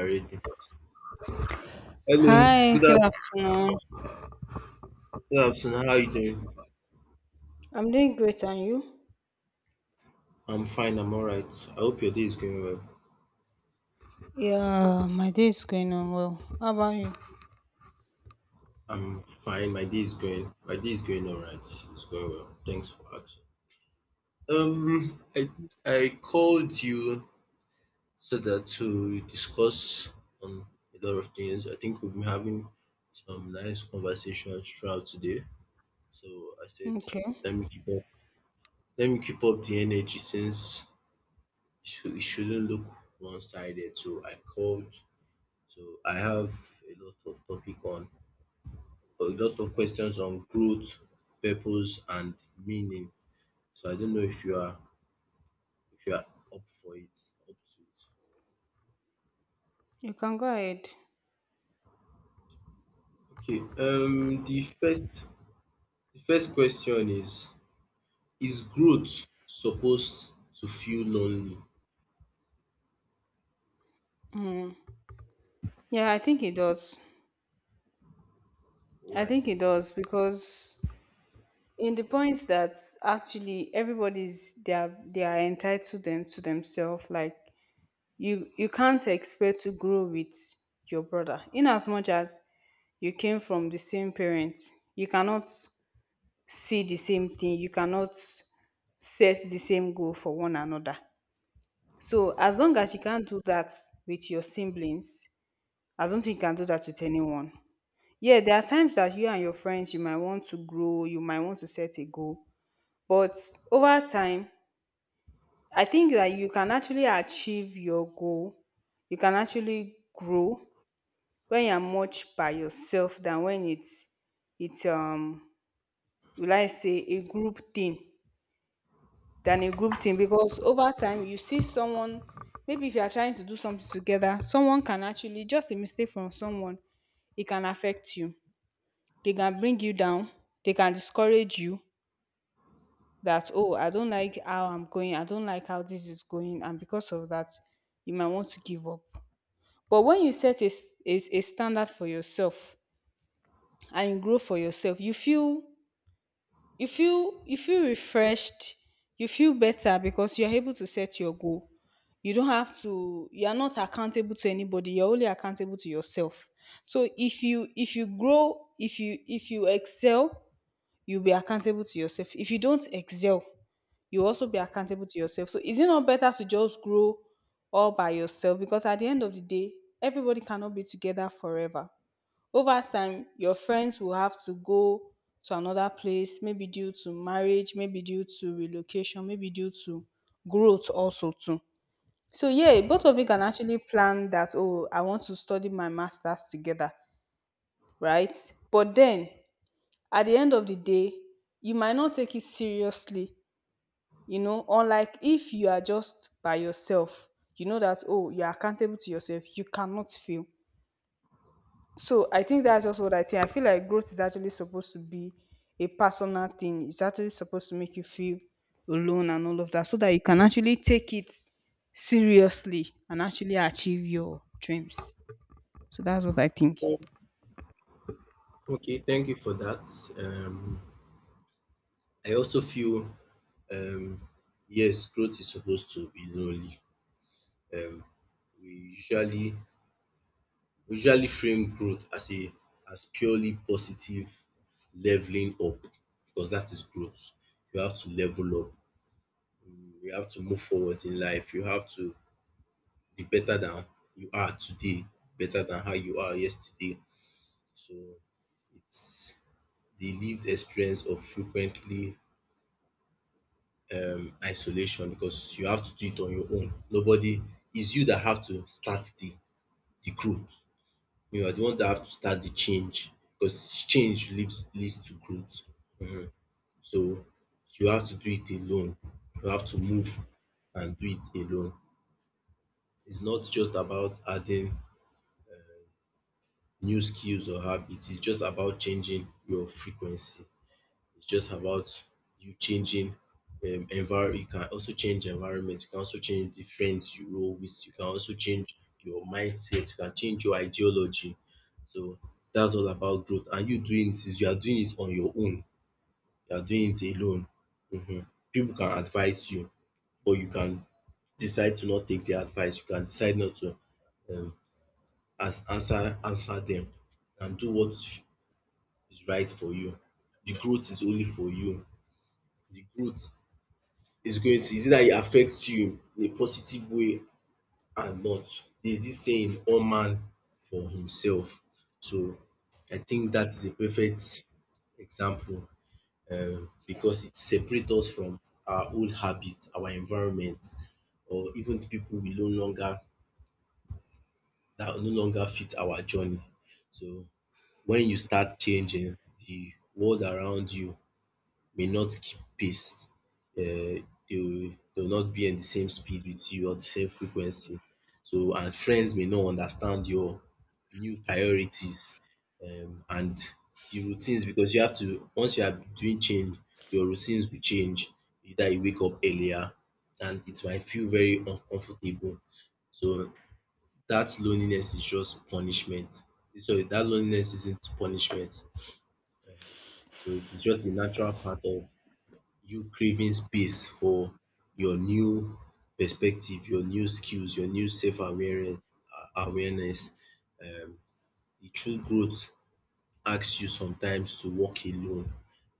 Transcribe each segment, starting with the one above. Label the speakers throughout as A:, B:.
A: Already. Hello,
B: Hi, good afternoon.
A: good afternoon. How are you doing?
B: I'm doing great, and you?
A: I'm fine. I'm all right. I hope your day is going well.
B: Yeah, my day is going on well. How about you?
A: I'm fine. My day is going all right. It's going well. Thanks for asking. Um, I I called you so that to discuss um a lot of things. I think we've been having some nice conversations throughout today. So I said,
B: Okay,
A: let me keep up. Let me keep up the energy since it shouldn't look one-sided. So I have a lot of topic on a lot of questions on growth, purpose and meaning. So I don't know if you are if you are up for it, up to it.
B: you can go ahead.
A: Okay, the first question is growth supposed to feel lonely?
B: Mm. Yeah, I think it does. I
A: Why?
B: think it does because in the points that actually everybody's they are entitled them to themselves. Like you can't expect to grow with your brother in as much as you came from the same parents. You cannot see the same thing, you cannot set the same goal for one another, so as long as you can't do that with your siblings, I don't think you can do that with anyone. Yeah, there are times that you and your friends you might want to grow, you might want to set a goal, but over time I think that you can actually achieve your goal, you can actually grow when you're much by yourself than when it's will I say a group thing, than a group thing, because over time you see someone. Maybe if you are trying to do something together, someone can actually just a mistake from someone, it can affect you, they can bring you down, they can discourage you, that oh, I don't like how I'm going, I don't like how this is going, and because of that you might want to give up. But when you set a standard for yourself and you grow for yourself, you feel refreshed. You feel better because you're able to set your goal. You're not accountable to anybody, you're only accountable to yourself. So if you grow, if you excel, you'll be accountable to yourself. If you don't excel, you'll also be accountable to yourself. So is it not better to just grow all by yourself? Because at the end of the day, everybody cannot be together forever. Over time, your friends will have to go to another place, maybe due to marriage, maybe due to relocation, maybe due to growth also too. So yeah, both of you can actually plan that, oh, I want to study my masters together, right? But then at the end of the day, you might not take it seriously, unlike if you are just by yourself. You know that, oh, you are accountable to yourself, you cannot fail. So I think that's just what I think. I feel like growth is actually supposed to be a personal thing. It's actually supposed to make you feel alone and all of that, so that you can actually take it seriously and actually achieve your dreams. So that's what I think.
A: Okay, thank you for that. Um I also feel um yes, growth is supposed to be lonely. Um we usually we usually frame growth as a as purely positive leveling up because that is growth. You have to level up, you have to move forward in life, you have to be better than you are today, better than how you are yesterday. So it's the lived experience of frequently isolation because you have to do it on your own. Nobody it's you that have to start the growth. You are the one that have to start the change because change leads to growth. Mhm. So you have to do it alone. You have to move and do it alone. It's not just about adding new skills or habits. It's just about changing your frequency. It's just about you changing envir you can also change environment, you can also change the friends you roll with, you can also change your mindset, you can change your ideology. So that's all about growth and you doing it is you are doing it on your own, you are doing it alone. um Pipu can advise you but you can decide to not take their advice, you can decide not to um answer them, and do what is right for you. The growth is only for you. The growth is going to is either it affects you in a positive way or not. There's this saying all man for himself. So I think that is a perfect example, because it separates us from our old habits, our environment, or even the people we no longer that no longer fit our journey. So when you start changing, the world around you may not keep pace. They will not be in the same speed with you or the same frequency. So and friends may not understand your new priorities and the routines because you have to once you are doing change, your routines will change. Either you wake up earlier and it might feel very uncomfortable. So that loneliness is just punishment. Sorry, that loneliness isn't punishment. So it is just a natural part of you craving space for your new perspective, your new skills, your new self awareness awareness. Um the true growth asks you sometimes to walk alone,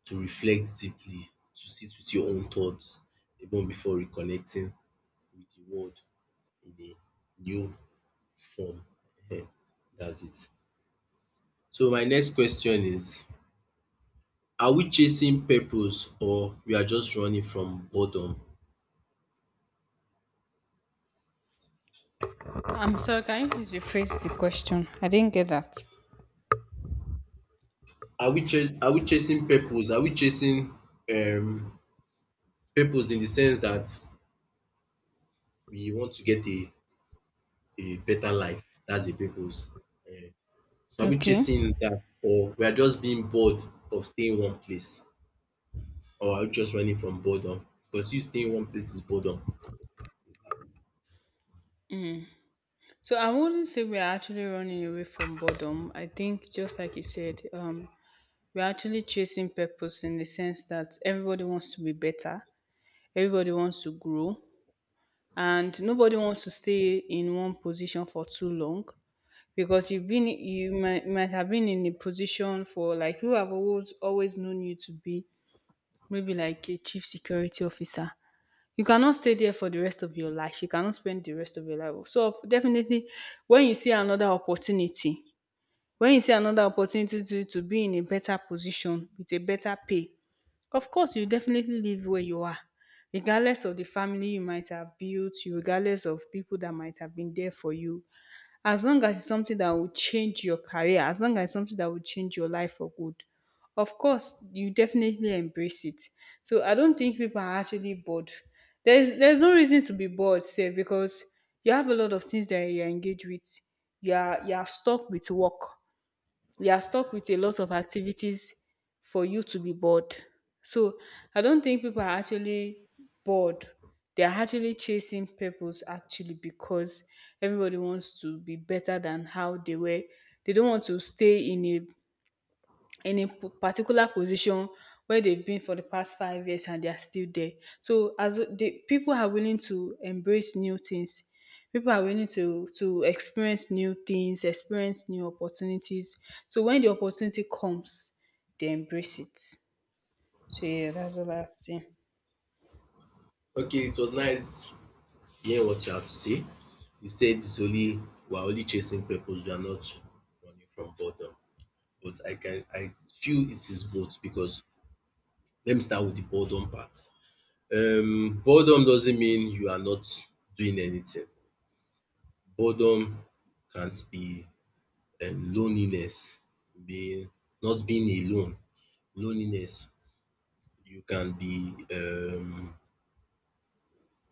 A: to reflect deeply, to sit with your own thoughts even before reconnecting with the world in a new form. Ehen, that's it. So my next question is, are we chasing purpose or we are just running from boredom?
B: I'm sorry, can you please rephrase the question? I didn't get that.
A: Are we chasing purpose? Are we chasing um purpose in the sense that we want to get a better life? That's a purpose. Eh, so are we
B: Okay.
A: chasing that, or we are just being bored of staying in one place, or are we just running from boredom? Because you staying in one place is boredom.
B: So I wouldn't say we're actually running away from boredom. I think just like you said, we're actually chasing purpose in the sense that everybody wants to be better. Everybody wants to grow, and nobody wants to stay in one position for too long because you've been you might have been in a position for like people have always known you to be, maybe like a chief security officer. You cannot stay there for the rest of your life, you cannot spend the rest of your life. So definitely, when you see another opportunity, when you see another opportunity to be in a better position with a better pay, of course, you definitely live where you are, regardless of the family you might have built, you regardless of people that might have been there for you. As long as it's something that will change your career, as long as it's something that will change your life for good, of course, you definitely embrace it. So I don't think people are actually bored. There's no reason to be bored, say, because you have a lot of things that you're engaged with. You are stuck with work, we are stuck with a lot of activities for you to be bored. So I don't think people are actually bored. They are actually chasing purpose actually, because everybody wants to be better than how they were. They don't want to stay in a particular position where they've been for the past 5 years, and they are still there. So as the people are willing to embrace new things, people are willing to experience new things, experience new opportunities. So when the opportunity comes, they embrace it. So yeah, that's the last thing.
A: Okay, it was nice hearing what you have to say. You said it's only we are only chasing purpose. We are not running from boredom. But I feel it is both because let me start with the boredom part. Boredom doesn't mean you are not doing anything. Boredom can't be loneliness, being not being alone, loneliness. You can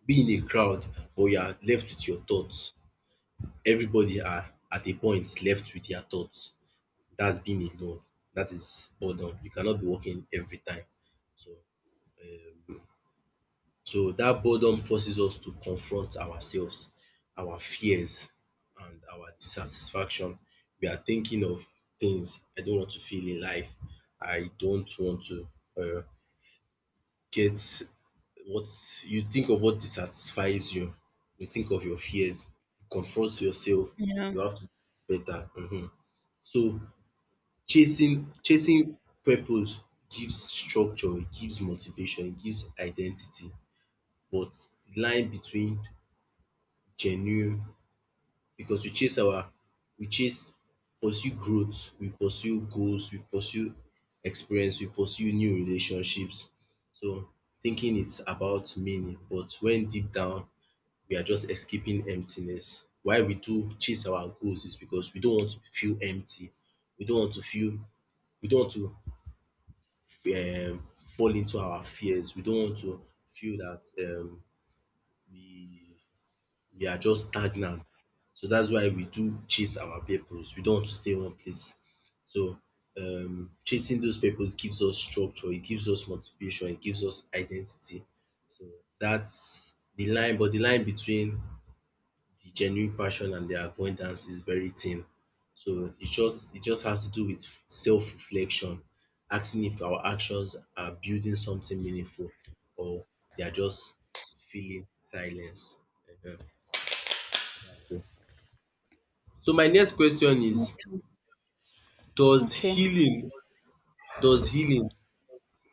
A: be in a crowd but you are left with your thoughts. Everybody are at a point left with their thoughts. That's being alone. That is boredom. You cannot be working every time. So um So that boredom forces us to confront ourselves, our fears and our dissatisfaction. We are thinking of things I don't want to feel in life, I don't want to um get what you think of what dissatisfies you, you think of your fears, you confront yourself,
B: Yeah.
A: you have to do better. So chasing purpose gives structure, it gives motivation, it gives identity but the line between genuine because we chase our we chase pursue growth, we pursue goals, we pursue experience, we pursue new relationships. So thinking it's about meaning but when deep down we are just escaping emptiness. Why we do chase our goals is because we don't want to feel empty, we don't want to feel we don't want to um fall into our fears, we don't want to feel that we we are just stagnant. So that's why we do chase our purpose. We don't want to stay one place. So chasing those purpose gives us structure, it gives us motivation, it gives us identity. So that's the line, but the line between the genuine passion and the avoidance is very thin. So it just has to do with self-reflection, asking if our actions are building something meaningful or they are just filling silence. Ehen. So my next question is, does
B: Okay.
A: healing does healing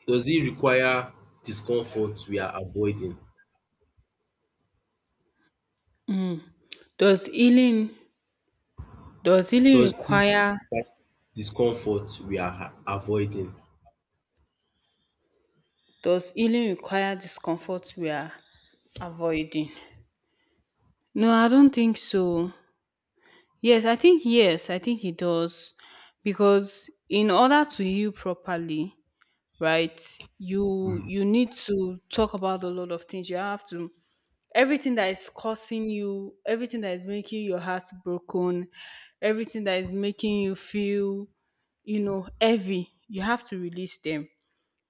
A: does it require discomfort we are avoiding?
B: Does healing does healing
A: Does it
B: require
A: require discomfort we are avoiding?
B: does healing require discomfort we are avoiding? No, I don't think so. Yes, I think it does, because in order to heal properly, right? You need to talk about a lot of things. You have to Everything that is causing you, everything that is making your heart broken, everything that is making you feel, heavy, you have to release them.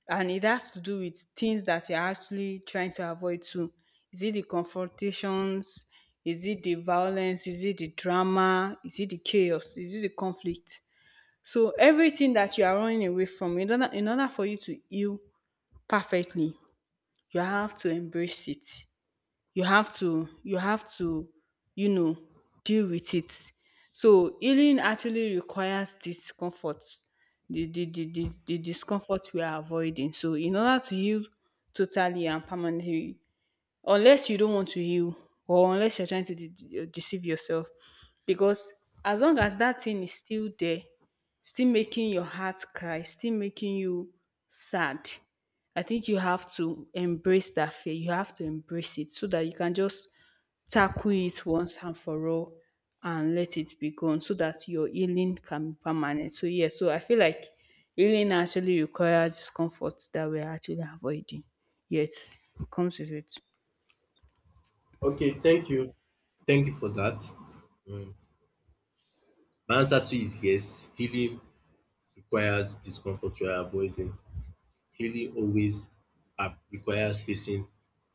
B: And it has to do with things that you're actually trying to avoid too. Is it the confrontations? Is it the violence? Is it the drama? Is it the chaos? Is it the conflict? So everything that you are running away from, in order for you to heal perfectly, you have to embrace it. You have to you have to you know deal with it. So healing actually requires discomfort, the discomfort we are avoiding. So in order to heal totally and permanently, unless you don't want to heal, or unless you're trying to deceive yourself, because as long as that thing is still there, still making your heart cry, still making you sad, I think you have to embrace that fear. You have to embrace it, so that you can just tackle it once and for all and let it be gone, so that your healing can be permanent. So yeah, so I feel like healing actually requires discomfort that we're actually avoiding, yet it comes with it.
A: Okay, thank you. Thank you for that. Mm. My answer to is yes. Healing requires discomfort we are avoiding. Healing always requires facing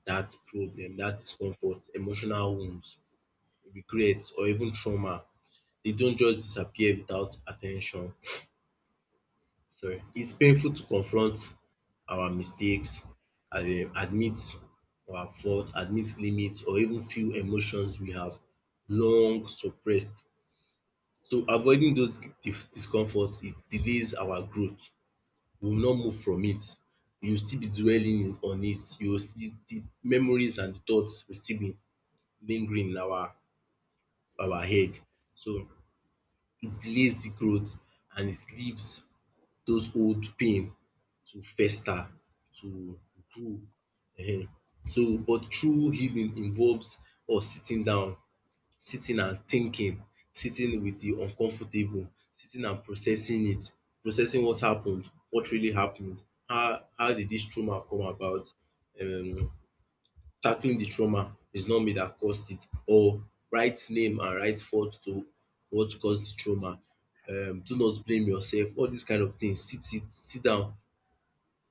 A: that problem, that discomfort, emotional wounds, regrets, or even trauma. They don't just disappear without attention. Sorry, it's painful to confront our mistakes, admit our fault, admit limits or even feel emotions we have long suppressed. So avoiding those discomfort it delays our growth, we will not move from it, you will still be dwelling on it, you will still the memories and thoughts will still be lingering in our head. So it delays the growth and it leaves those old pain to fester, to grow um. So but true healing involves us sitting down, sitting and thinking, sitting with the uncomfortable, sitting and processing it, processing what happened, what really happened, how did this trauma come about um tackling the trauma is not me that caused it or write name and write fault to what caused the trauma do not blame yourself all these kind of things sit it sit down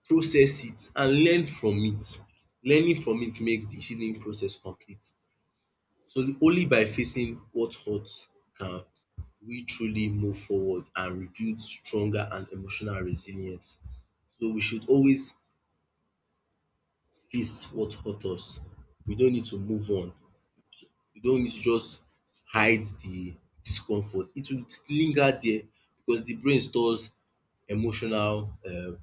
A: process it and learn from it. Learning from it makes the healing process complete. So only by facing what hurt can we truly move forward and rebuild stronger and emotional resilience. So we should always face what hurt us. We don't need to move on. You don't need to just hide the discomfort. It will linger there because the brain stores emotional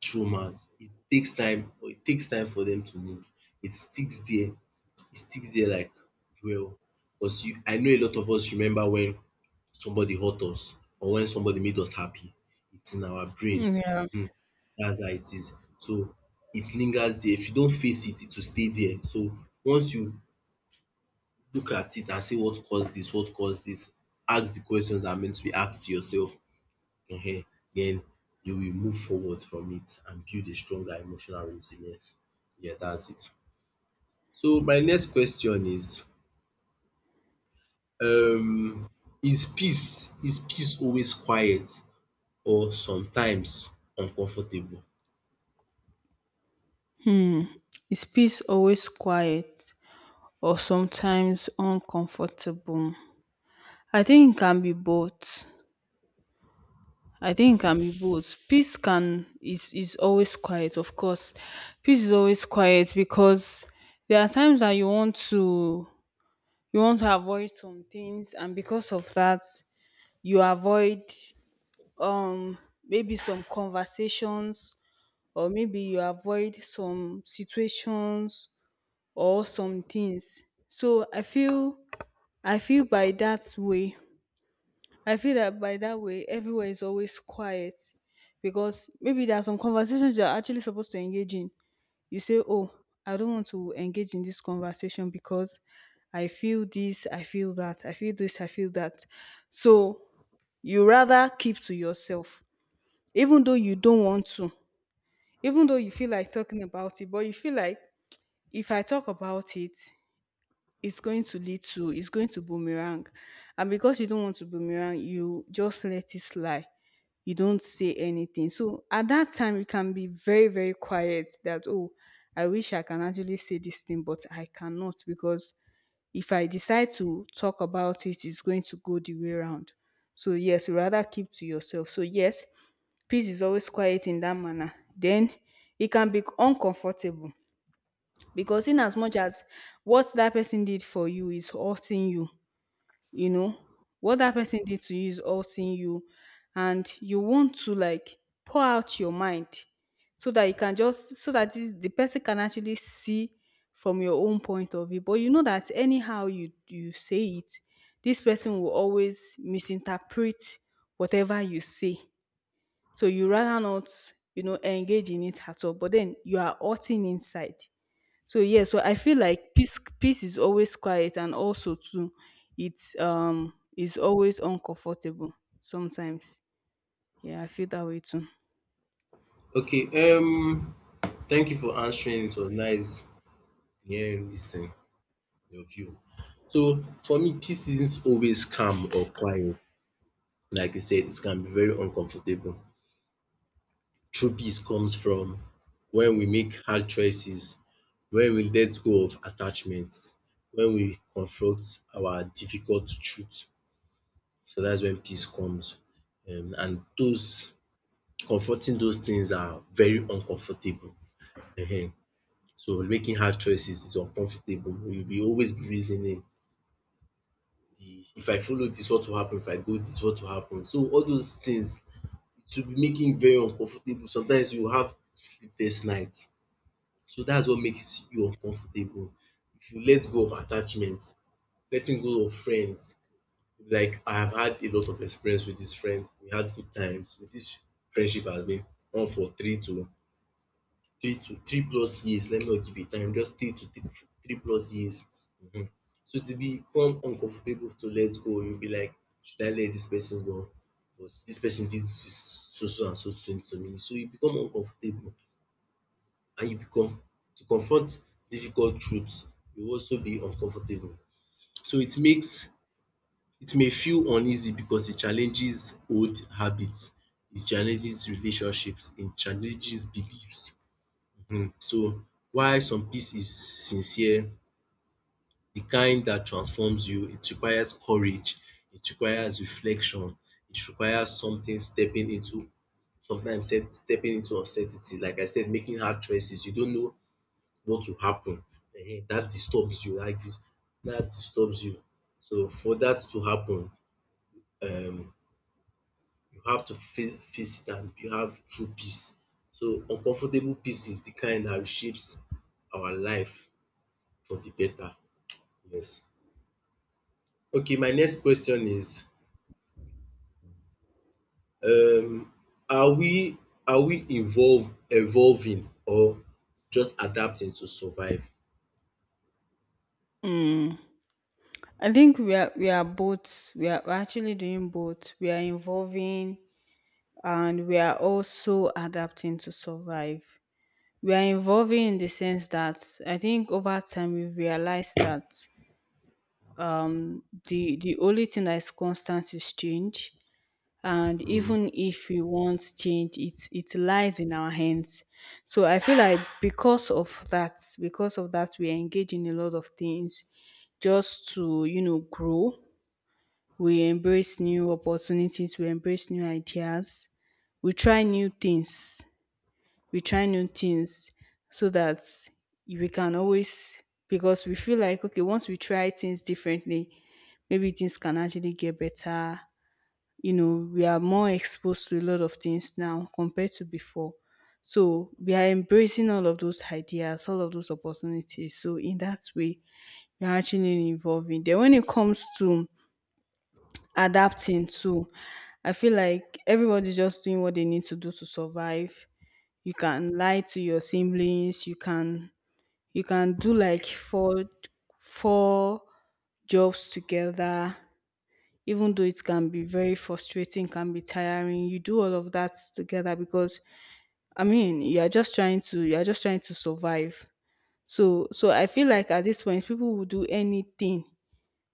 A: traumas. It takes time or it takes time for them to move. It sticks there. It sticks there like well because you I know a lot of us remember when somebody hurt us or when somebody made us happy. It's in our brain.
B: Yeah.
A: That's how it is. So it lingers there. If you don't face it, it will stay there. So once you look at it and say what caused this, what caused this. Ask the questions that are meant to be asked to yourself. Ehen. Then you will move forward from it and build a stronger emotional resilience. Yeah, that's it. So my next question is um is peace always quiet or sometimes uncomfortable?
B: Hmm. Is peace always quiet or sometimes uncomfortable? I think it can be both. I think it can be both. Peace can is always quiet, of course. Peace is always quiet because there are times that you want to avoid some things, and because of that you avoid um maybe some conversations, or maybe you avoid some situations or some things. So I feel by that way. I feel that by that way everywhere is always quiet, because maybe there are some conversations you're actually supposed to engage in. You say, oh, I don't want to engage in this conversation because I feel this, I feel that, I feel this, I feel that. So you rather keep to yourself, even though you don't want to, even though you feel like talking about it, but you feel like, if I talk about it, it's going to boomerang, and because you don't want to boomerang, you just let it slide, you don't say anything. So at that time you can be very, very quiet, that oh, I wish I can actually say this thing, but I cannot, because if I decide to talk about it, it's going to go the way round. So yes, rather keep to yourself. So yes, peace is always quiet in that manner. Then it can be uncomfortable because in as much as what that person did for you is hurting you, you know what that person did to you is hurting you, and you want to like pour out your mind, so that this, the person can actually see from your own point of view. But you know that anyhow you say it, this person will always misinterpret whatever you say. So you rather not engage in it at all, but then you are hurting inside. So yeah, so I feel like peace is always quiet, and also too, it's is always uncomfortable sometimes. Yeah, I feel that way too.
A: Okay, thank you for answering. It was nice hearing this thing, your view. So for me, peace isn't always calm or quiet. Like you said, it can be very uncomfortable. True peace comes from when we make hard choices, when we let go of attachments, when we confront our difficult truth. So that's when peace comes. And those confronting those things are very uncomfortable. Ehen. So making hard choices is uncomfortable. You'll be always reasoning the if I follow this, what will happen? If I go this, what will happen? So all those things to make im very uncomfortable. Sometimes you have sleepless nights, so that's what makes you uncomfortable. If you let go of attachments, letting go of friends, like I have had a lot of experience with this friend, we had good times. This friendship has been on for three to three to three plus years, let me not give a time, just three to three three plus years. um so to will become uncomfortable to let go. You will be like, should I let this person go? But this person did this so so and so thing to me, so you become uncomfortable and you become to confront difficult truths. You also be uncomfortable, so it makes it may feel uneasy because it challenges old habits, it challenges relationships, it challenges beliefs. So while some peace is sincere, the kind that transforms you, it requires courage, it requires reflection, it requires something stepping into sometimes stepping into uncertainty. Like I said, making hard choices. You don't know what will happen. That disturbs you. Like this. That disturbs you. So for that to happen, um you have to face it and you have true peace. So uncomfortable peace is the kind that shapes our life. For the data. Yes. Okay, my next question is, um are we are we evolve evolving or just adapting to survive?
B: Mm. I think we are both we're actually doing both. We are involving, and we are also adapting to survive. We are involving in the sense that I think over time we realize that the only thing that is constant is change, and
A: Mm.
B: even if we want change, it lies in our hands. So I feel like because of that we engage in a lot of things, just to grow. We embrace new opportunities, we embrace new ideas, we try new things we try new things, so that we can always, because we feel like, okay, once we try things differently, maybe things can actually get better. We are more exposed to a lot of things now compared to before. So we are embracing all of those ideas, all of those opportunities. So in that way, we are actually involving. Then when it comes to adapting too, I feel like everybody's just doing what they need to do to survive. You can lie to your siblings, you can do like four jobs together, even though it can be very frustrating, can be tiring, you do all of that together because, I mean, you're just trying to survive. So I feel like at this point people will do anything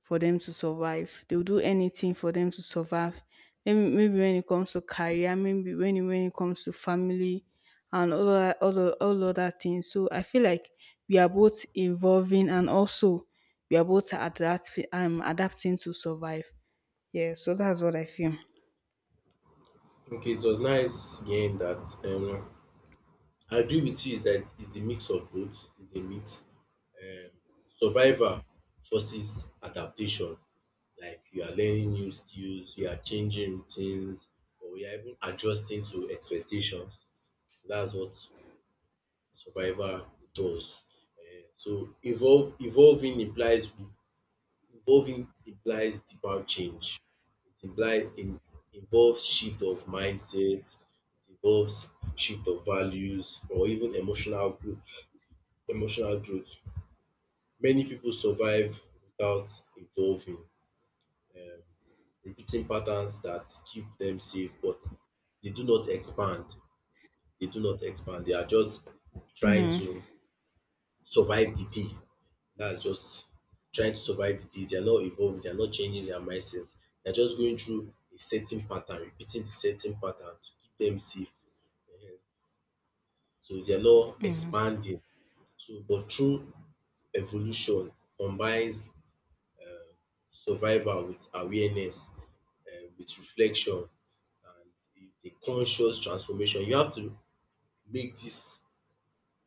B: for them to survive. They'll do anything for them to survive. Maybe, when it comes to career, maybe when it comes to family, and all other things. So I feel like we are both evolving, and also we are both adapting to survive. Yeah, so that's what I feel.
A: Okay, it was nice hearing that. I agree with you is that it's the mix of both. It's a mix. Um Survival forces adaptation. Like you are learning new skills, you are changing routines, or you are even adjusting to expectations. That's what survivor does. Eh, so evolve evolving implies deeper change. It implies in, involves shift of mindset, it involves shift of values or even emotional growth. Many people survive without evolving, repeating patterns that keep them safe, but they do not expand. They do not expand. They are just trying
B: Mm,
A: to survive the day. That's just trying to survive the day. They are not evolving, they are not changing their mindset. They're just going through a certain pattern, repeating the certain pattern to keep them safe. Ehen. So they are not
B: mm.
A: expanding. So but through evolution combines survival with awareness, with reflection and a conscious transformation. You have to make dis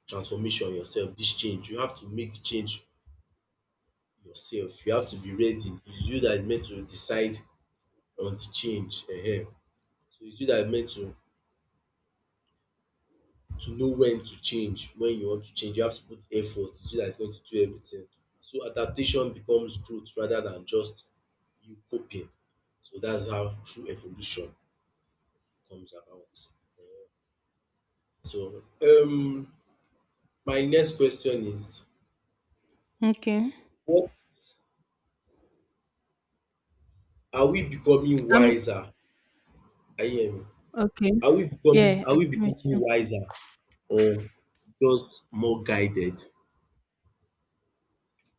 A: transformation yourself, dis change. You have to make the change yourself. You have to be ready. It's you that is meant to decide on the change. So it's you that is meant to know when to change, when you want to change. You have to put effort. It's you that is going to do everything. So adaptation becomes growth rather than just you coping. So that's how true evolution comes about. So my next question is,
B: Okay.
A: what are we becoming
B: Um.
A: wiser? Can you hear me?
B: Okay. Yeah,
A: Are
B: I
A: we
B: met
A: becoming
B: you.
A: wiser or just more guided?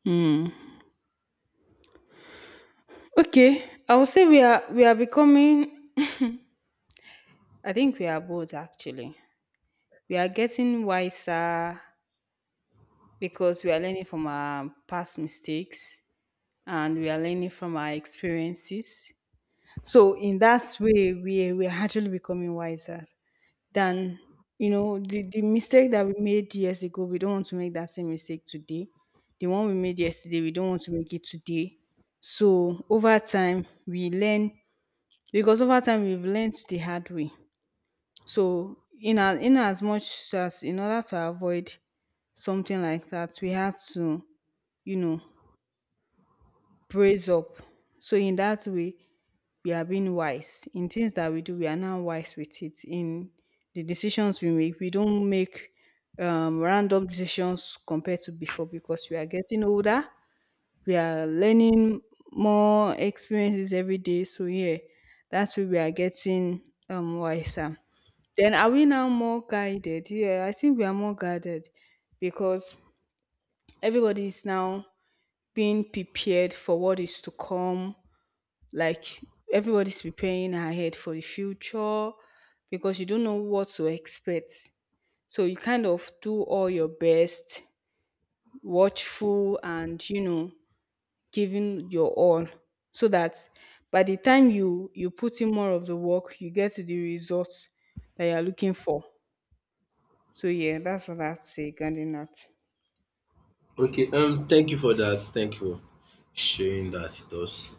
B: Hmm. Okay. I would say we are becoming. I think we are both, actually. We are getting wiser because we are learning from our past mistakes, and we are learning from our experiences. So in that way, we're actually becoming wiser than, the mistake that we made years ago, we don't want to make that same mistake today. The one we made yesterday, we don't want to make it today. So over time we learn, because over time we've learned the hard way. So in as much as in order to avoid something like that, we had to, you know, praise up. So in that way, we are being wise in things that we do. We are now wise with it in the decisions we make. We don't make random decisions compared to before because we are getting older. We are learning more experiences every day. So yeah, that's where we are getting wiser. Then, are we now more guided? Yeah, I think we are more guided, because everybody is now being prepared for what is to come, like everybody's preparing ahead for the future, because you don't know what to expect. So you kind of do all your best, watchful, and giving your all, so that by the time you put in more of the work, you get to the results that you're looking for. So yeah, that's what I have to say regarding that.
A: Okay, thank you for that. Thank you for sharing that with us.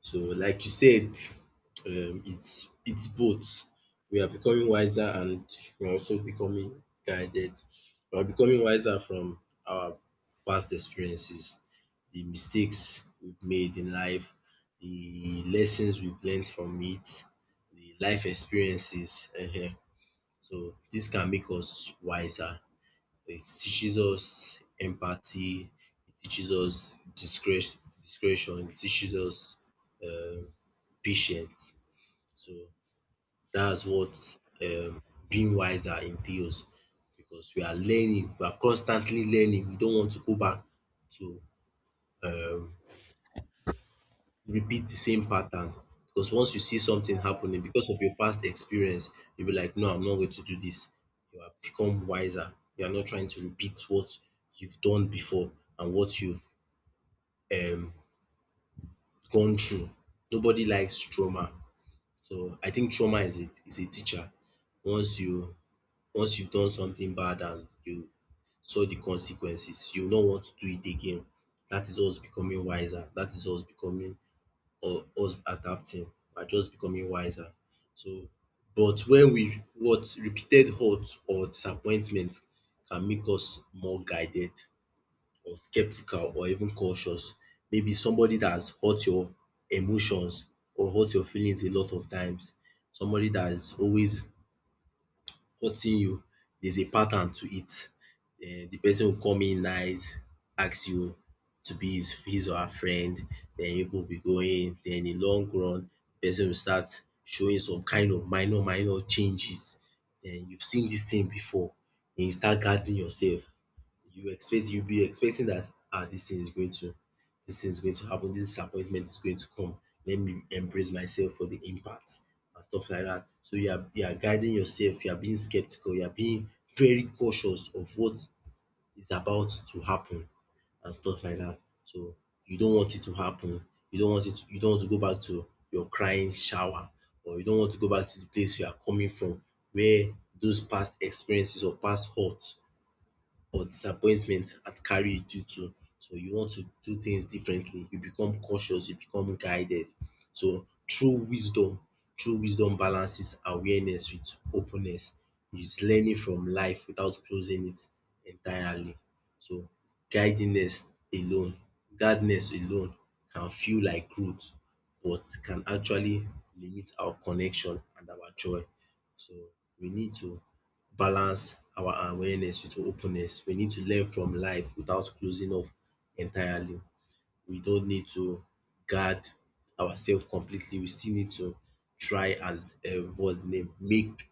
A: So, like you said, it's both. We are becoming wiser and we are also becoming guided. We are becoming wiser from our past experiences, the mistakes we've made in life, the lessons we've learned from it, the life experiences. Ehen. So this can make us wiser. It teaches us empathy, it teaches us discretion, it teaches us um patience. So that's what um being wiser entails, because we are learning, we are constantly learning. We don't want to go back to um repeat the same pattern, because once you see something happening because of your past experience, you'll be like, no, I'm not going to do this. You have become wiser. You are not trying to repeat what you've done before and what you've um, gone through. Nobody likes trauma. So I think trauma is a teacher. Once you Once you've done something bad and you saw the consequences, you will not want to do it again. That is us becoming wiser. That is us becoming or us adapting, we're just becoming wiser. So but when we what repeated hurt or disappointment can make us more guided or skeptical or even cautious. Maybe somebody that has hurt your emotions or hurt your feelings a lot of times, somebody that is always courting you, there's a pattern to it. The person will come in nice, ask you to be his or her friend, then you will be going, then in long run, person will start showing some kind of minor changes. Then you've seen this thing before, then you start guarding yourself. You'll be expecting that, ah, this thing is going to, this thing is going to happen. This disappointment is going to come, let me embrace myself for the impact and stuff like that. So you are guiding yourself, you are being skeptical, you are being very cautious of what is about to happen and stuff like that. So you don't want it to happen. You don't want to go back to your crying shower, or you don't want to go back to the place you are coming from, where those past experiences or past hurt or disappointment had carried you to. So you want to do things differently, you become cautious, you become guided. So true wisdom balances awareness with openness. It's learning from life without closing it entirely. So guidedness alone, guardedness alone can feel like growth, but can actually limit our connection and our joy. So we need to balance our awareness with openness. We need to learn from life without closing off entirely. We don't need to guard ourselves completely. We still need to try and what's the name make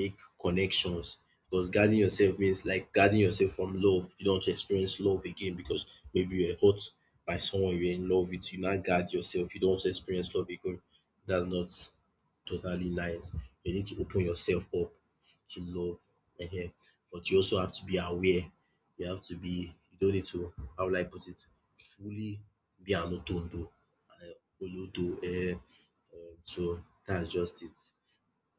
A: make connections, because guarding yourself means like guarding yourself from love. You don't want to experience love again because maybe you are hurt by someone you're in love with. You now guard yourself. You don't want to experience love again. That's not totally nice. You need to open yourself up to love. Ehen. But you also have to be aware. You don't need to, how will I put it, fully be an otondo. Uh, olodo. Eh. So that's just it.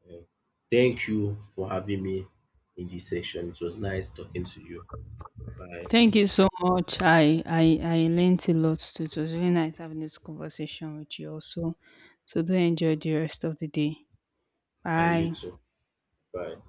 A: Um, Thank you for having me in this session. It was nice talking to you. Bye.
B: Thank you so much. I learned a lot too. It was really nice having this conversation with you also. So do enjoy the rest of the day.
A: And you
B: Bye.
A: too. Bye.